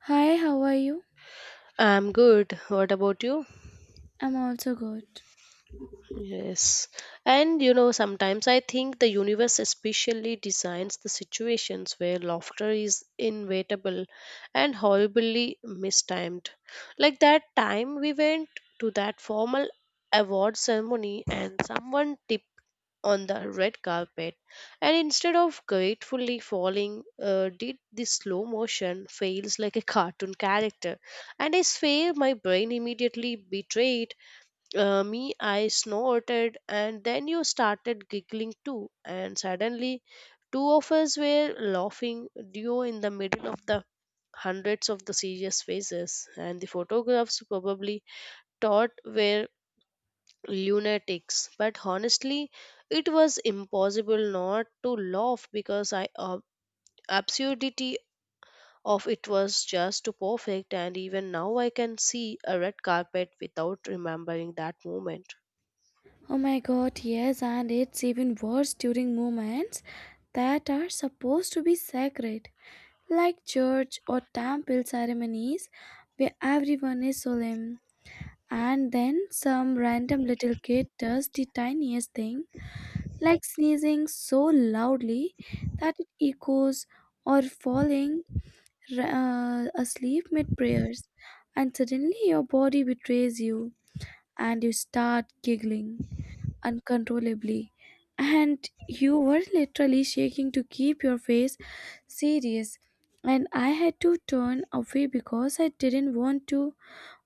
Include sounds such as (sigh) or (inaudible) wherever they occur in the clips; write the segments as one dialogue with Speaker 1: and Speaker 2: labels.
Speaker 1: Hi, how are you?
Speaker 2: I'm good. What about you?
Speaker 1: I'm also good.
Speaker 2: Yes. And you know, sometimes I think the universe especially designs the situations where laughter is inevitable and horribly mistimed. Like that time we went to that formal award ceremony and someone tipped on the red carpet and instead of gratefully falling did the slow motion fails like a cartoon character, and I swear my brain immediately betrayed. Me, I snorted, and then you started giggling too, and suddenly two of us were laughing, duo in the middle of the hundreds of the serious faces, and the photographs probably thought were lunatics. But honestly, it was impossible not to laugh because I absurdity of it was just too perfect, and even now I can see a red carpet without remembering that moment.
Speaker 1: Oh my god, yes, and it's even worse during moments that are supposed to be sacred, like church or temple ceremonies where everyone is solemn. And then some random little kid does the tiniest thing, like sneezing so loudly that it echoes or falling asleep mid prayers, and suddenly your body betrays you and you start giggling uncontrollably. And you were literally shaking to keep your face serious. And I had to turn away because I didn't want to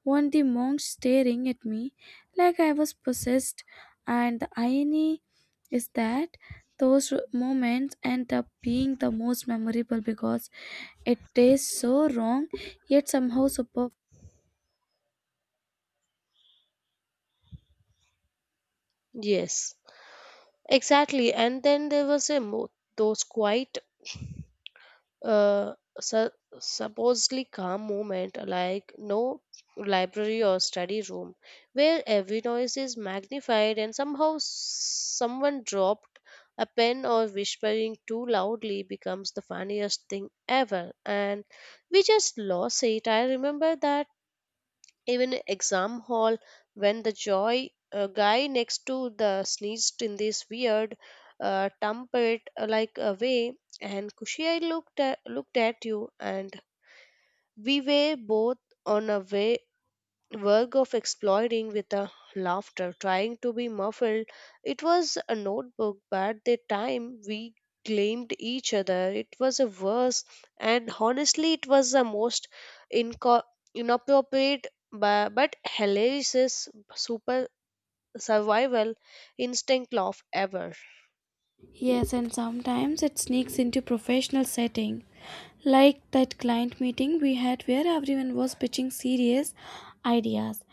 Speaker 1: want the monk staring at me like I was possessed. And the irony is that those moments end up being the most memorable because it tastes so wrong yet somehow superb.
Speaker 2: Yes. Exactly, and then there was a those quite uh, su- supposedly calm moment, like no library or study room, where every noise is magnified, and somehow someone dropped a pen or whispering too loudly becomes the funniest thing ever, and we just lost it. I remember that even exam hall when the joy guy next to the sneezed in this weird trumpet like a way and kushi I looked at you and we were both on a way work of exploring with a laughter, trying to be muffled. It was a notebook, but the time we claimed each other, it was a verse, and honestly, it was the most inco- inappropriate but hilarious super survival instinct laugh ever.
Speaker 1: Yes, and sometimes it sneaks into professional setting like that client meeting we had where everyone was pitching serious ideas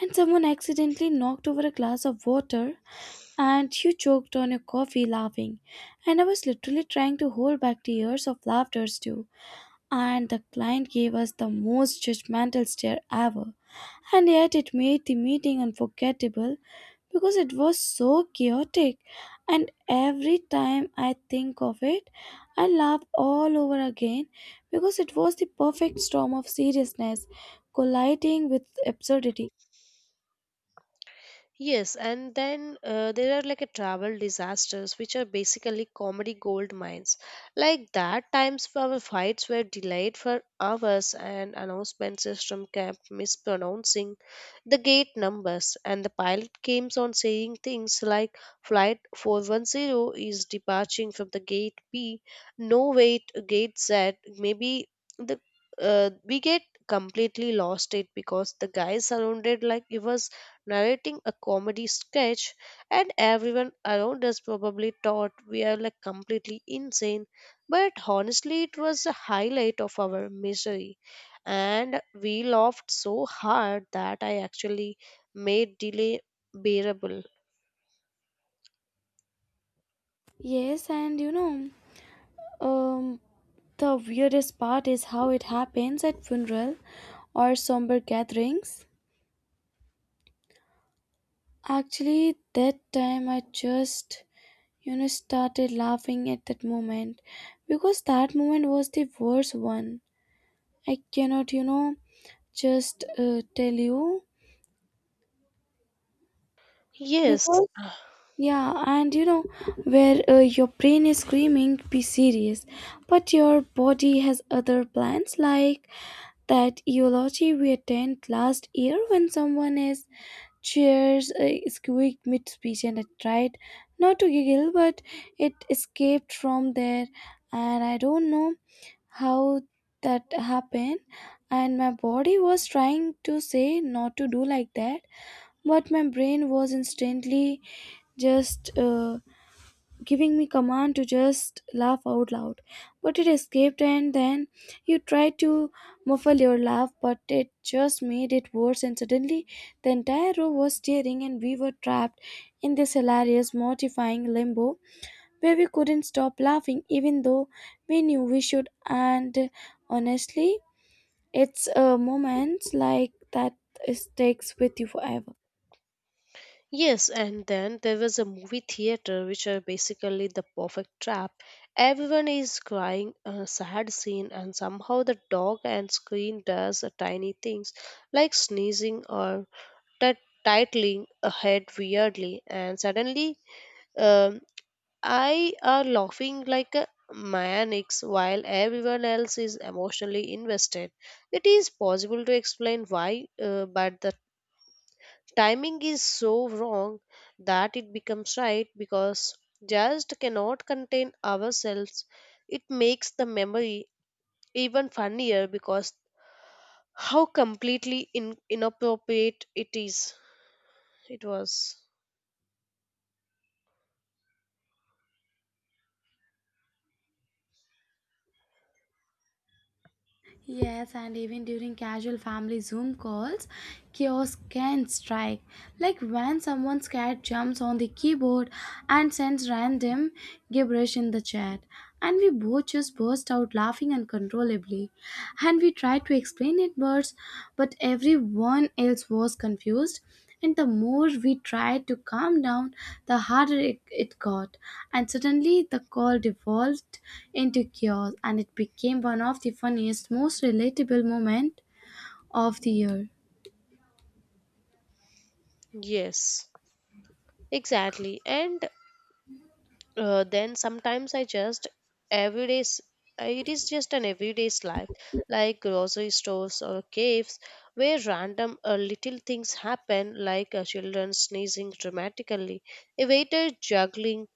Speaker 1: and someone accidentally knocked over a glass of water and you choked on your coffee laughing and I was literally trying to hold back tears of laughter too and the client gave us the most judgmental stare ever. And yet, it made the meeting unforgettable because it was so chaotic. And every time I think of it, I laugh all over again because it was the perfect storm of seriousness colliding with absurdity.
Speaker 2: Yes, and then there are like a travel disasters, which are basically comedy gold mines. Like that times our flights were delayed for hours, and announcement system kept mispronouncing the gate numbers, and the pilot came on saying things like flight 410 is departing from the gate B. No wait, gate Z. Maybe the we get completely lost it because the guy surrounded like it was narrating a comedy sketch, and everyone around us probably thought we are like completely insane. But honestly, it was the highlight of our misery, and we laughed so hard that I actually made delay bearable.
Speaker 1: Yes, and you know, um, the weirdest part is how it happens at funeral or somber gatherings. Actually, that time I just, you know, started laughing at that moment because that moment was the worst one. I cannot, you know, just tell you
Speaker 2: Yes.
Speaker 1: because, yeah, and you know, where your brain is screaming, be serious, but your body has other plans, like that eulogy we attend last year when someone is cheers squeaked mid speech, and I tried not to giggle, but it escaped from there, and I don't know how that happened. And my body was trying to say not to do like that, but my brain was instantly just giving me command to just laugh out loud. But it escaped, and then you tried to muffle your laugh, but it just made it worse. And suddenly, the entire row was staring, and we were trapped in this hilarious, mortifying limbo where we couldn't stop laughing, even though we knew we should. And honestly, it's moments like that sticks with you forever.
Speaker 2: Yes, and then there was a movie theater, which are basically the perfect trap. Everyone is crying a sad scene, and somehow the dog and screen does a tiny things like sneezing or t- titling a head weirdly, and suddenly um, I are laughing like a maniacs while everyone else is emotionally invested. It is possible to explain why, but the timing is so wrong that it becomes right because just cannot contain ourselves. It makes the memory even funnier because how completely inappropriate it is, it was.
Speaker 1: Yes, and even during casual family Zoom calls, chaos can strike. Like when someone scared jumps on the keyboard and sends random gibberish in the chat. And we both just burst out laughing uncontrollably. And we tried to explain it, but everyone else was confused and the more we tried to calm down, the harder it got. And suddenly the call devolved into chaos, and it became one of the funniest, most relatable moments of the year.
Speaker 2: Yes, exactly, and then sometimes I just everyday s- it is just an everyday's life like grocery stores or caves where random little things happen like children sneezing dramatically, a waiter juggling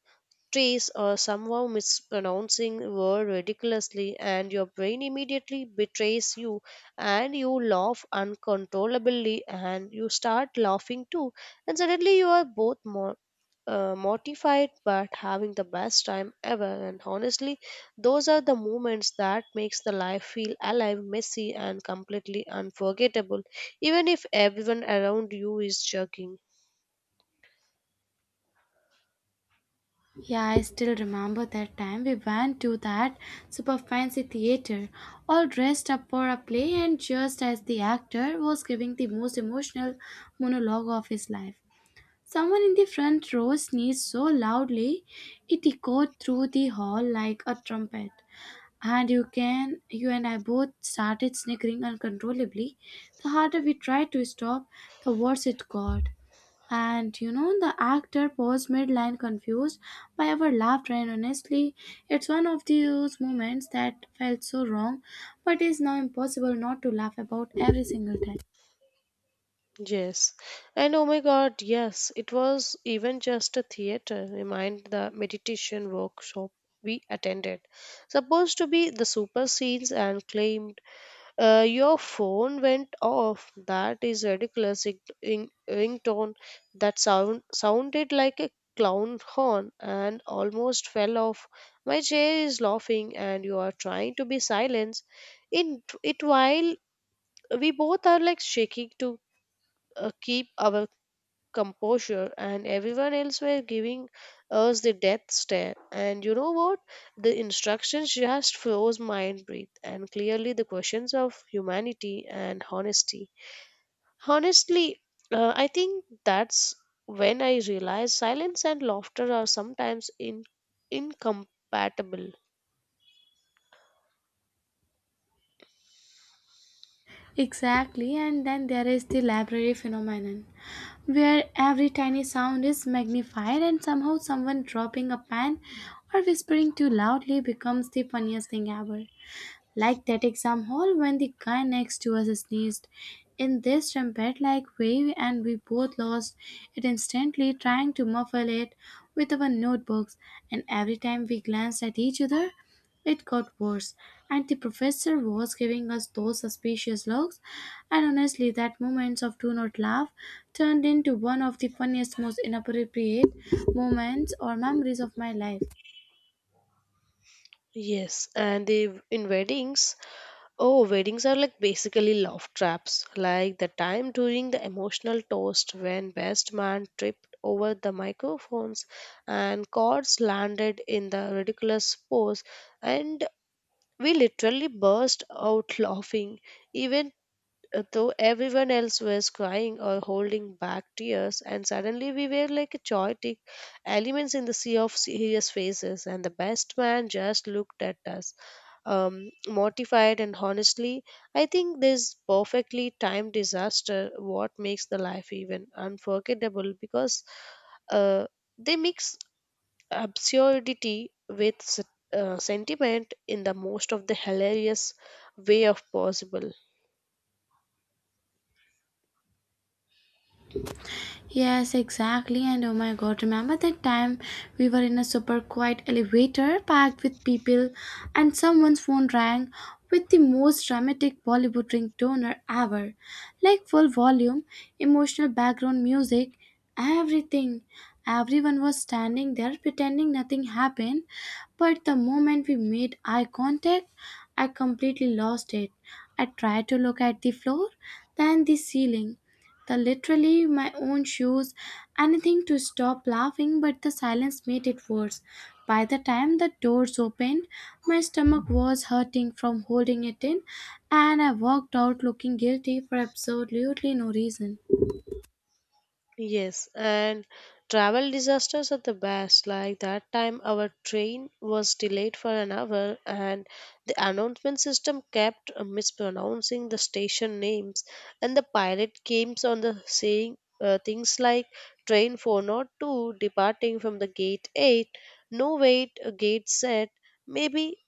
Speaker 2: trays, or somehow mispronouncing word ridiculously, and your brain immediately betrays you and you laugh uncontrollably and you start laughing too, and suddenly you are both mortified but having the best time ever. And honestly, those are the moments that makes the life feel alive, messy and completely unforgettable, even if everyone around you is joking.
Speaker 1: Yeah, I still remember that time we went to that super fancy theater, all dressed up for a play, and just as the actor was giving the most emotional monologue of his life, someone in the front row sneezed so loudly it echoed through the hall like a trumpet. And you and I both started snickering uncontrollably. The harder we tried to stop, the worse it got. And you know, the actor paused midline confused by our laughter, and honestly, it's one of those moments that felt so wrong, but is now impossible not to laugh about every single time.
Speaker 2: Yes, and oh my god, yes, it was even just a theater remind the meditation workshop we attended, supposed to be the super scenes and claimed. Your phone went off. That is ridiculous. It, in, ringtone that sound sounded like a clown horn and almost fell off. My chair is laughing, and you are trying to be silent. In it, while we both are like shaking to keep our composure, and everyone else were giving us the death stare. And you know what, the instructions just froze my breath and clearly the questions of humanity and honesty, honestly I think that's when I realized silence and laughter are sometimes in incompatible.
Speaker 1: Exactly, and then there is the library phenomenon, where every tiny sound is magnified and somehow someone dropping a pen or whispering too loudly becomes the funniest thing ever, like that exam hall when the guy next to us sneezed in this trumpet like way and we both lost it instantly trying to muffle it with our notebooks and every time we glanced at each other it got worse and the professor was giving us those suspicious looks and honestly that moment of do not laugh turned into one of the funniest most inappropriate moments or memories of my life.
Speaker 2: Yes, and the in weddings. Oh, weddings are like basically love traps. Like the time during the emotional toast when best man tripped over the microphones and cords landed in the ridiculous pose, and we literally burst out laughing. Even though everyone else was crying or holding back tears, and suddenly we were like chaotic elements in the sea of serious faces, and the best man just looked at us mortified. And honestly, I think this perfectly timed disaster what makes the life even unforgettable because uh, they mix absurdity with sentiment in the most of the hilarious way of possible.
Speaker 1: Yes, exactly. And oh my god, remember that time we were in a super quiet elevator packed with people and someone's phone rang with the most dramatic Bollywood ringtoner ever. Like full volume, emotional background music, everything. Everyone was standing there pretending nothing happened, but the moment we made eye contact, I completely lost it. I tried to look at the floor, then the ceiling, the literally my own shoes, anything to stop laughing, but the silence made it worse. By the time the doors opened, my stomach was hurting from holding it in, and I walked out looking guilty for absolutely no reason.
Speaker 2: Yes, and travel disasters are the best. Like that time, our train was delayed for an hour, and the announcement system kept mispronouncing the station names, and the pilot came on the saying things like train 402 departing from the gate 8, no wait, gate set, maybe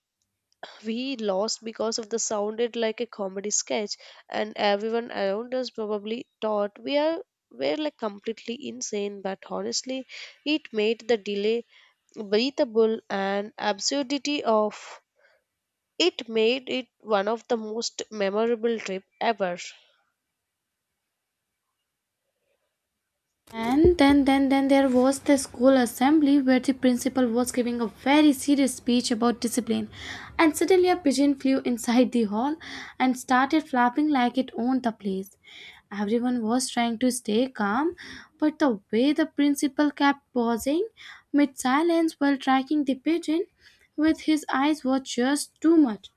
Speaker 2: we lost because of the sounded like a comedy sketch, and everyone around us probably thought we are were like completely insane. But honestly, it made the delay breathable, and absurdity of it made it one of the most memorable trip ever.
Speaker 1: And then there was the school assembly where the principal was giving a very serious speech about discipline. And suddenly a pigeon flew inside the hall and started flapping like it owned the place. Everyone was trying to stay calm, but the way the principal kept pausing mid silence while tracking the pigeon with his eyes was just too much.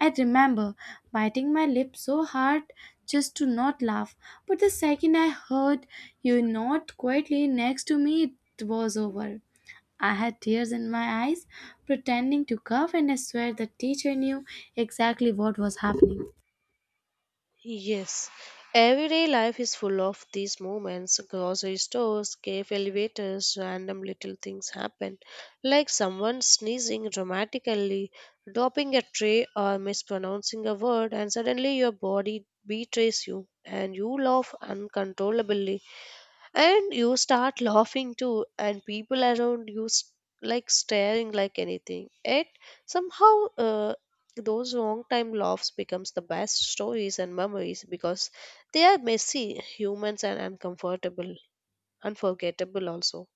Speaker 1: I remember biting my lip so hard just to not laugh. But the second I heard you nod quietly next to me, it was over. I had tears in my eyes, pretending to cough, and I swear the teacher knew exactly what was happening.
Speaker 2: Yes, everyday life is full of these moments. Grocery stores, cave elevators, random little things happen, like someone sneezing dramatically, dropping a tray, or mispronouncing a word, and suddenly your body betrays you and you laugh uncontrollably and you start laughing too, and people around you like staring like anything. It somehow those long time laughs becomes the best stories and memories because they are messy humans and uncomfortable unforgettable also.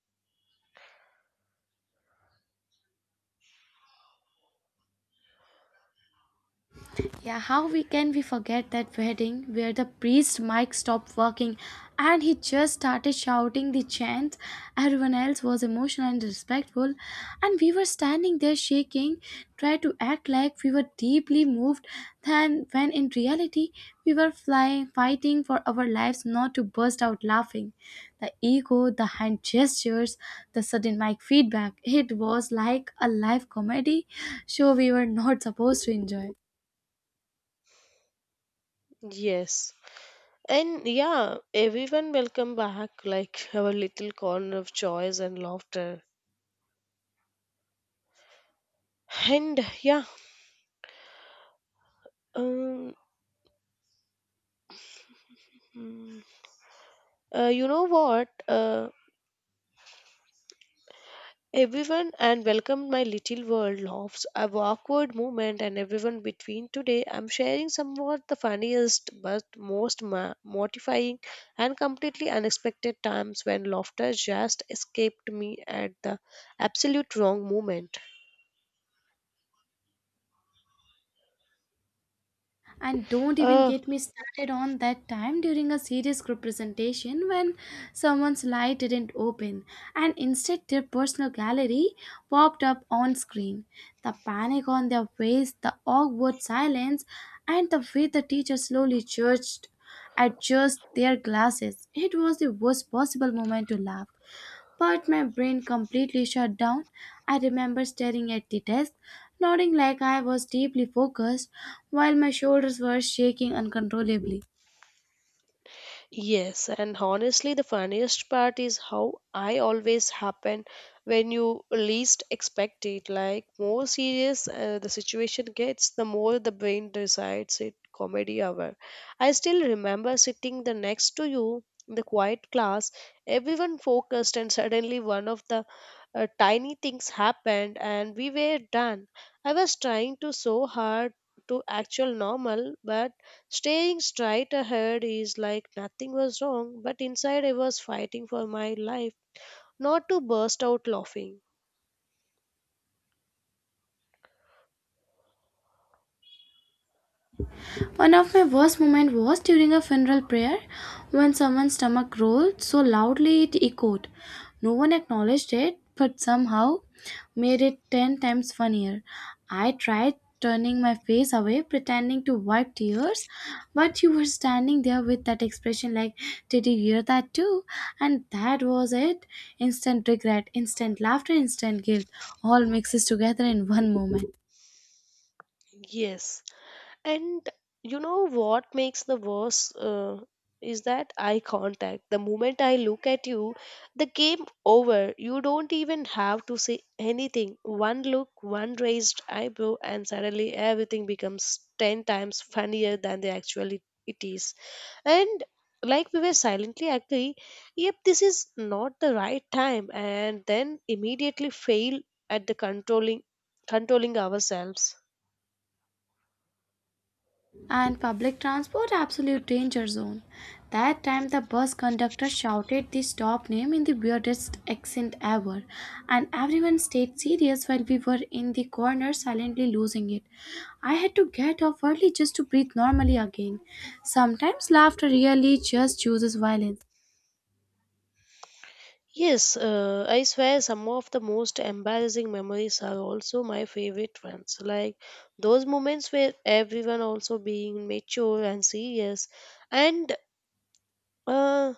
Speaker 1: Yeah, how we can we forget that wedding where the priest Mike stopped working and he just started shouting the chant. Everyone else was emotional and respectful and we were standing there shaking, trying to act like we were deeply moved than when in reality we were flying fighting for our lives not to burst out laughing. The ego, the hand gestures, the sudden mic feedback, it was like a live comedy show we were not supposed to enjoy.
Speaker 2: Yes, and yeah, everyone will come back like our little corner of joys and laughter. And yeah, um mm, you know what, everyone and welcome my little world laughs, a awkward moment and everyone between. Today I'm sharing somewhat the funniest but most mortifying and completely unexpected times when laughter just escaped me at the absolute wrong moment.
Speaker 1: And don't even
Speaker 2: Uh,
Speaker 1: get me started on that time during a serious group presentation when someone's light didn't open and instead their personal gallery popped up on screen. The panic on their face, the awkward silence, and the way the teacher slowly judged adjust their glasses. It was the worst possible moment to laugh, but my brain completely shut down. I remember staring at the desk, nodding like I was deeply focused, while my shoulders were shaking uncontrollably.
Speaker 2: Yes, and honestly, the funniest part is how I always happen when you least expect it. Like, more serious the situation gets, the more the brain decides it comedy hour. I still remember sitting the next to you in the quiet class, everyone focused, and suddenly one of the tiny things happened, and we were done. I was trying to so hard to actual normal, but staying straight ahead is like nothing was wrong, but inside I was fighting for my life not to burst out laughing.
Speaker 1: One of my worst moments was during a funeral prayer when someone's stomach rolled so loudly it echoed. No one acknowledged it, but somehow made it ten times funnier. I tried turning my face away, pretending to wipe tears, but you were standing there with that expression like, did you hear that too? And that was it. Instant regret, instant laughter, instant guilt, all mixes together in one moment.
Speaker 2: Yes, and you know what makes the worse is that eye contact. The moment I look at you, the game over. You don't even have to say anything. One look, one raised eyebrow, and suddenly everything becomes ten times funnier than they actually it is. And like we were silently agree, yep, this is not the right time, and then immediately fail at the controlling ourselves.
Speaker 1: And public transport absolute danger zone. That time the bus conductor shouted the stop name in the weirdest accent ever, and everyone stayed serious while we were in the corner silently losing it. I had to get off early just to breathe normally again. Sometimes laughter really just chooses violence.
Speaker 2: Yes, I swear some of the most embarrassing memories are also my favorite ones. Like those moments where everyone also being mature and serious, and uh,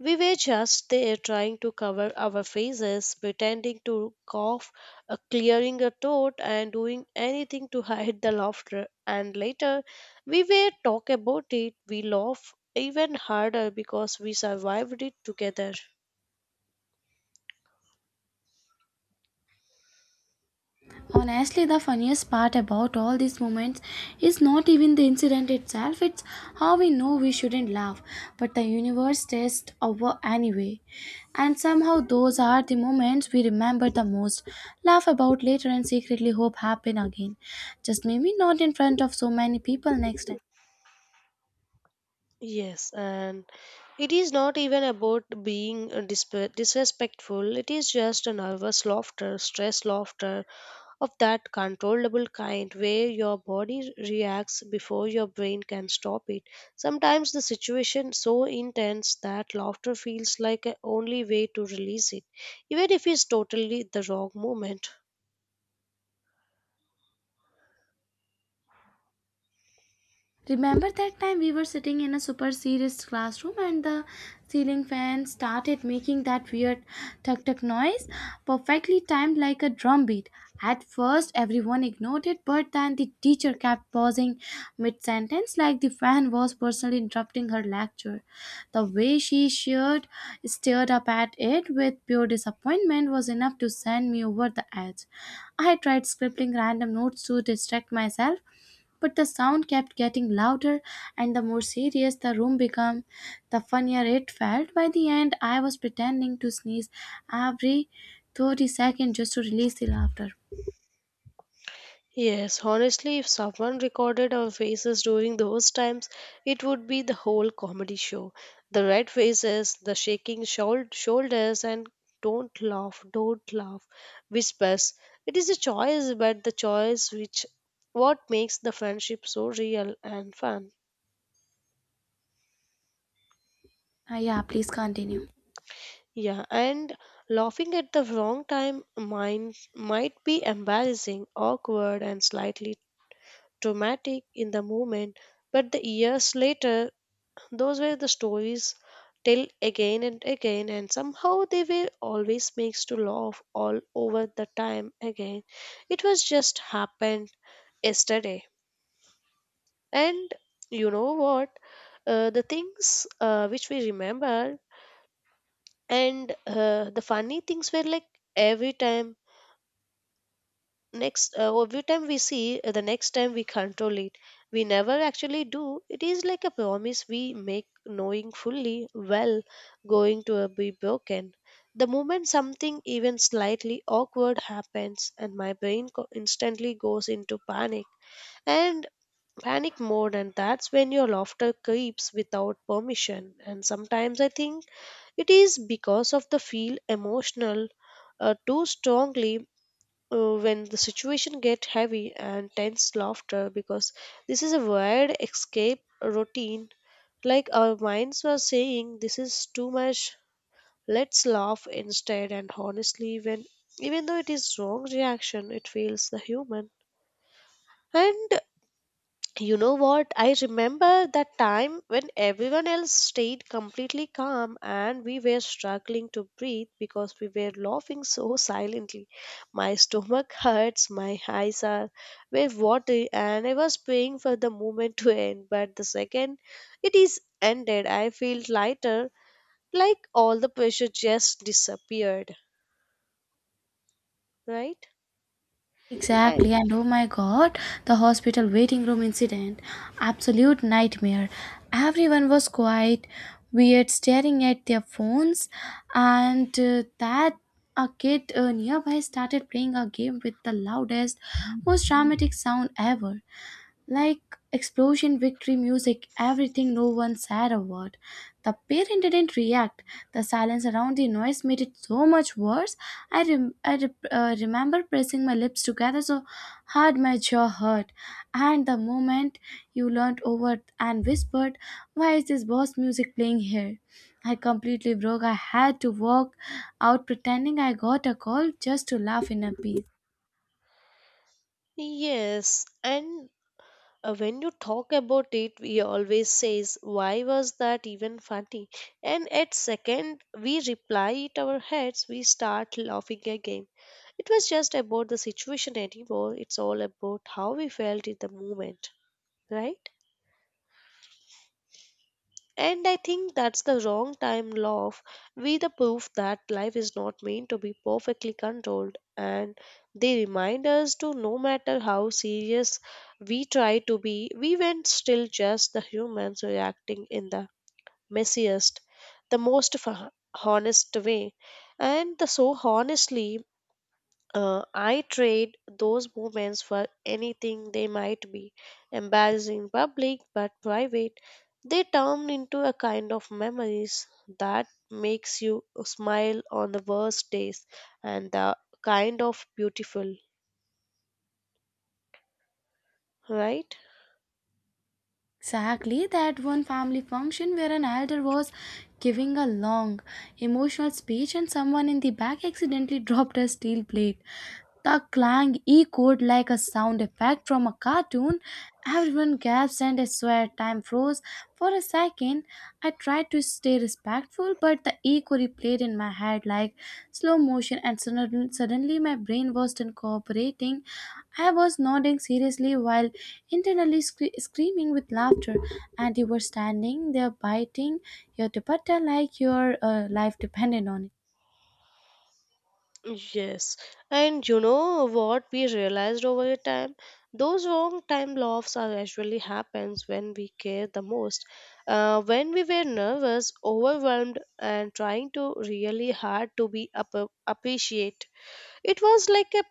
Speaker 2: we were just there trying to cover our faces, pretending to cough, clearing a throat, and doing anything to hide the laughter. And later, we were talk about it. We laugh even harder because we survived it together.
Speaker 1: Honestly, the funniest part about all these moments is not even the incident itself, it's how we know we shouldn't laugh, but the universe tests over anyway. And somehow, those are the moments we remember the most, laugh about later, and secretly hope happen again. Just maybe not in front of so many people next time.
Speaker 2: Yes, and it is not even about being disrespectful. It is just a nervous laughter, stress laughter, of that controllable kind where your body reacts before your brain can stop it. Sometimes the situation so intense that laughter feels like a only way to release it, even if it's totally the wrong moment.
Speaker 1: Remember that time we were sitting in a super serious classroom and the ceiling fan started making that weird tuck tuck noise, perfectly timed like a drum beat. At first, everyone ignored it, but then the teacher kept pausing mid sentence like the fan was personally interrupting her lecture. The way she sheered, stared up at it with pure disappointment was enough to send me over the edge. I tried scribbling random notes to distract myself, but the sound kept getting louder, and the more serious the room became, the funnier it felt. By the end, I was pretending to sneeze every 30 seconds just to release the laughter.
Speaker 2: Yes, honestly, if someone recorded our faces during those times, it would be the whole comedy show. The red faces, the shaking shoulders, and don't laugh whispers. It is a choice, but the choice which what makes the friendship so real and fun.
Speaker 1: Ah yeah, please continue.
Speaker 2: Yeah, and laughing at the wrong time mind might be embarrassing, awkward, and slightly traumatic in the moment, but the years later those were the stories tell again and again, and somehow they were always makes to laugh all over the time again. It was just happened yesterday. And you know what? The things which we remember and the funny things were like every time next well, every time we see the next time we control it, we never actually do. It is like a promise we make knowing fully well going to be broken the moment something even slightly awkward happens, and my brain instantly goes into panic and panic mode. And that's when your laughter creeps without permission. And sometimes I think it is because of the feel emotional too strongly when the situation get heavy and tense laughter because this is a weird escape routine, like our minds were saying this is too much, let's laugh instead. And honestly, when even though it is wrong reaction, it feels the human. And you know what? I remember that time when everyone else stayed completely calm and we were struggling to breathe because we were laughing (laughs) so silently. My stomach hurts, my eyes are were watery, and I was praying for the moment to end. But the second it is ended, I feel lighter, like all the pressure just disappeared. Right? I,
Speaker 1: Exactly, and oh my god, the hospital waiting room incident. Absolute nightmare. Everyone was quiet, weird, staring at their phones, and that a kid nearby started playing a game with the loudest, most dramatic sound ever, like explosion, victory, music, everything. No one said a word. The parent didn't react. The silence around the noise made it so much worse. I remember pressing my lips together so hard my jaw hurt. And the moment you leaned over and whispered, why is this boss music playing here? I completely broke. I had to walk out pretending I got a call just to laugh in a piece.
Speaker 2: yes, and when you talk about it, we always says, "Why was that even funny?" And at second we reply it our heads, we start laughing again. It was just about the situation anymore. It's all about how we felt in the moment, right? And I think that's the wrong time love. We the proof that life is not meant to be perfectly controlled and they remind us to no matter how serious we try to be, we were still just the humans reacting in the messiest, the most f- honest way. And the so honestly I trade those moments for anything they might be. Embarrassing public but private, they turn into a kind of memories that makes you smile on the worst days and the kind of beautiful, right?
Speaker 1: Exactly that one family function where an elder was giving a long, emotional speech and someone in the back accidentally (laughs) dropped a steel plate. The clang echoed like a sound effect from a cartoon. Everyone gasped and I swear time froze. For a second, I tried to stay respectful, but the echo replayed in my head like slow motion, and suddenly my brain was done cooperating. I was nodding seriously while internally screaming with laughter, and you were standing there biting your dupatta like your life depended on it.
Speaker 2: Yes, and you know what we realized over the time? Those wrong time laughs are actually happens when we care the most. When we were nervous, overwhelmed, and trying to really hard to be appreciate, it was like a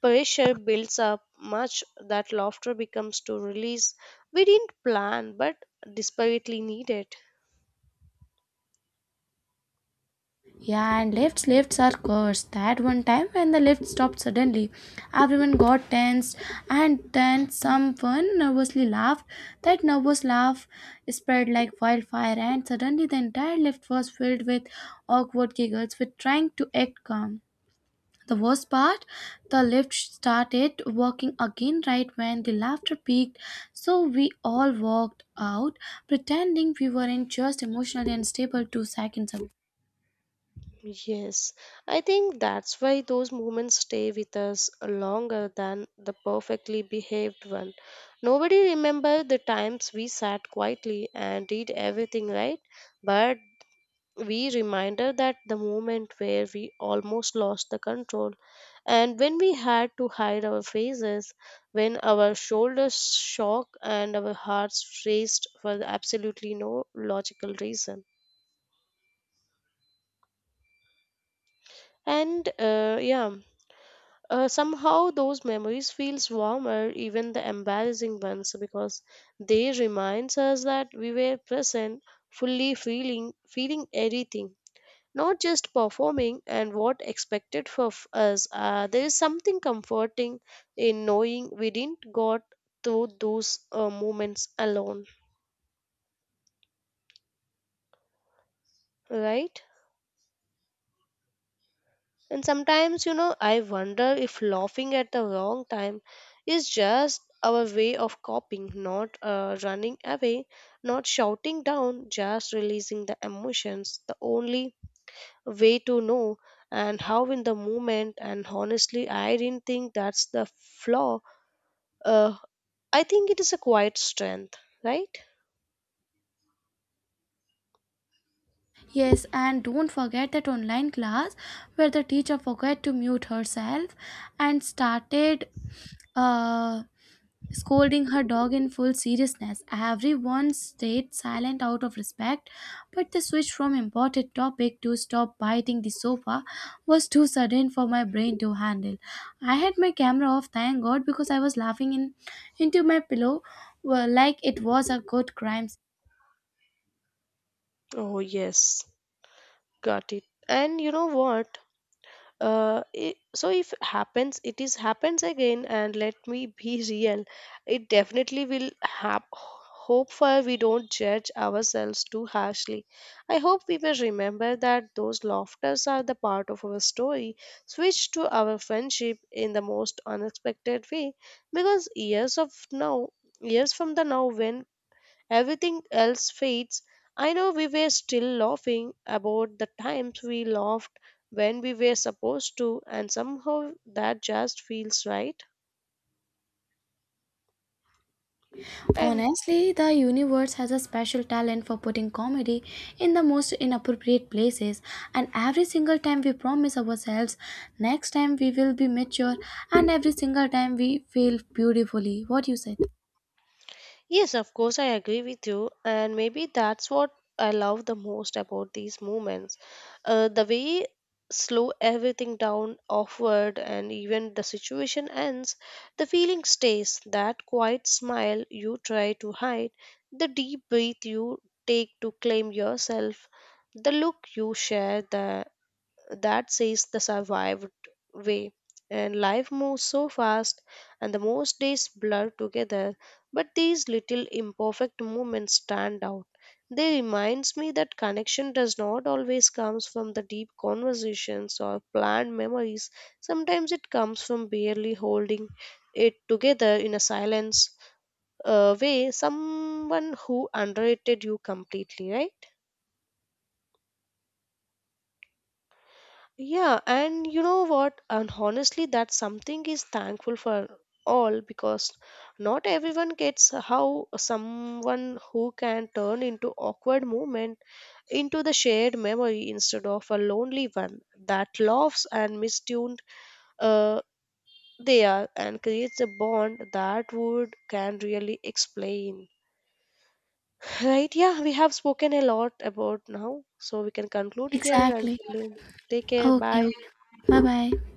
Speaker 2: pressure builds up much that laughter becomes to release. We didn't plan, but desperately needed.
Speaker 1: Yeah, and lifts are cursed. That one time when the lift stopped suddenly, everyone got tensed, and then someone nervously laughed. That nervous laugh spread like wildfire, and suddenly the entire lift was filled with awkward giggles with trying to act calm. The worst part, the lift started working again right when the laughter peaked, so we all walked out, pretending we weren't just emotionally unstable 2 seconds ago.
Speaker 2: Yes, I think that's why those moments stay with us longer than the perfectly behaved one. Nobody remember the times we sat quietly and did everything right, but we reminder that the moment where we almost lost the control and when we had to hide our faces, when our shoulders shook and our hearts raced for absolutely no logical reason. And yeah, somehow those memories feels warmer even the embarrassing ones because they reminds us that we were present fully feeling everything not just performing and what expected of us there is something comforting in knowing we didn't got through those moments alone right. And sometimes, you know, I wonder if laughing at the wrong time is just our way of coping, not running away, not shouting down, just releasing the emotions. The only way to know and how in the moment. And honestly, I didn't think that's the flaw. Uh, I think it is a quiet strength, right?
Speaker 1: Yes, and don't forget that online class where the teacher forgot to mute herself and started uh, scolding her dog in full seriousness. Everyone stayed silent out of respect, but the switch from important topic to stop biting the sofa was too sudden for my brain to handle. I had my camera off, thank God, because I was laughing in into my pillow, well, like it was a good crime.
Speaker 2: Oh, yes, got it. And you know what? I so if happens it is happens again and let me be (laughs) real it definitely will hope for we don't judge ourselves too harshly, I hope we will remember that those laughters are the part of our story switch to our friendship in the most unexpected way because years of now, years from the now when everything else fades. I know we were still laughing about the times we laughed when we were supposed to, and somehow that just feels right. And
Speaker 1: Honestly, the universe has a special talent for putting comedy in the most inappropriate places, and every single time we promise ourselves, next time we will be mature, and every single time we fail beautifully. What you said?
Speaker 2: yes, of course, I agree with you, and maybe that's what I love the most about these movements. The way slow everything down, offward, and even the situation ends, the feeling stays. That quiet smile you try to hide, the deep breath you take to claim yourself, the look you share, the that says the survived way. And life moves so fast, and the most days blur together, but these little imperfect moments stand out. They reminds me that connection does not always comes from the deep conversations or planned memories. Sometimes it comes from barely holding it together in a silence way. Someone who underrated you completely, right? Yeah, and you know what? And honestly, that something is thankful for all because not everyone gets how someone who can turn into awkward moment into the shared memory instead of a lonely one that laughs and mistuned uh, they are and creates a bond that would can really explain. (laughs) Right? Yeah, we have spoken a lot about now, so we can conclude here and
Speaker 1: Exactly.
Speaker 2: take care.
Speaker 1: Okay,
Speaker 2: Bye.
Speaker 1: okay. Bye bye.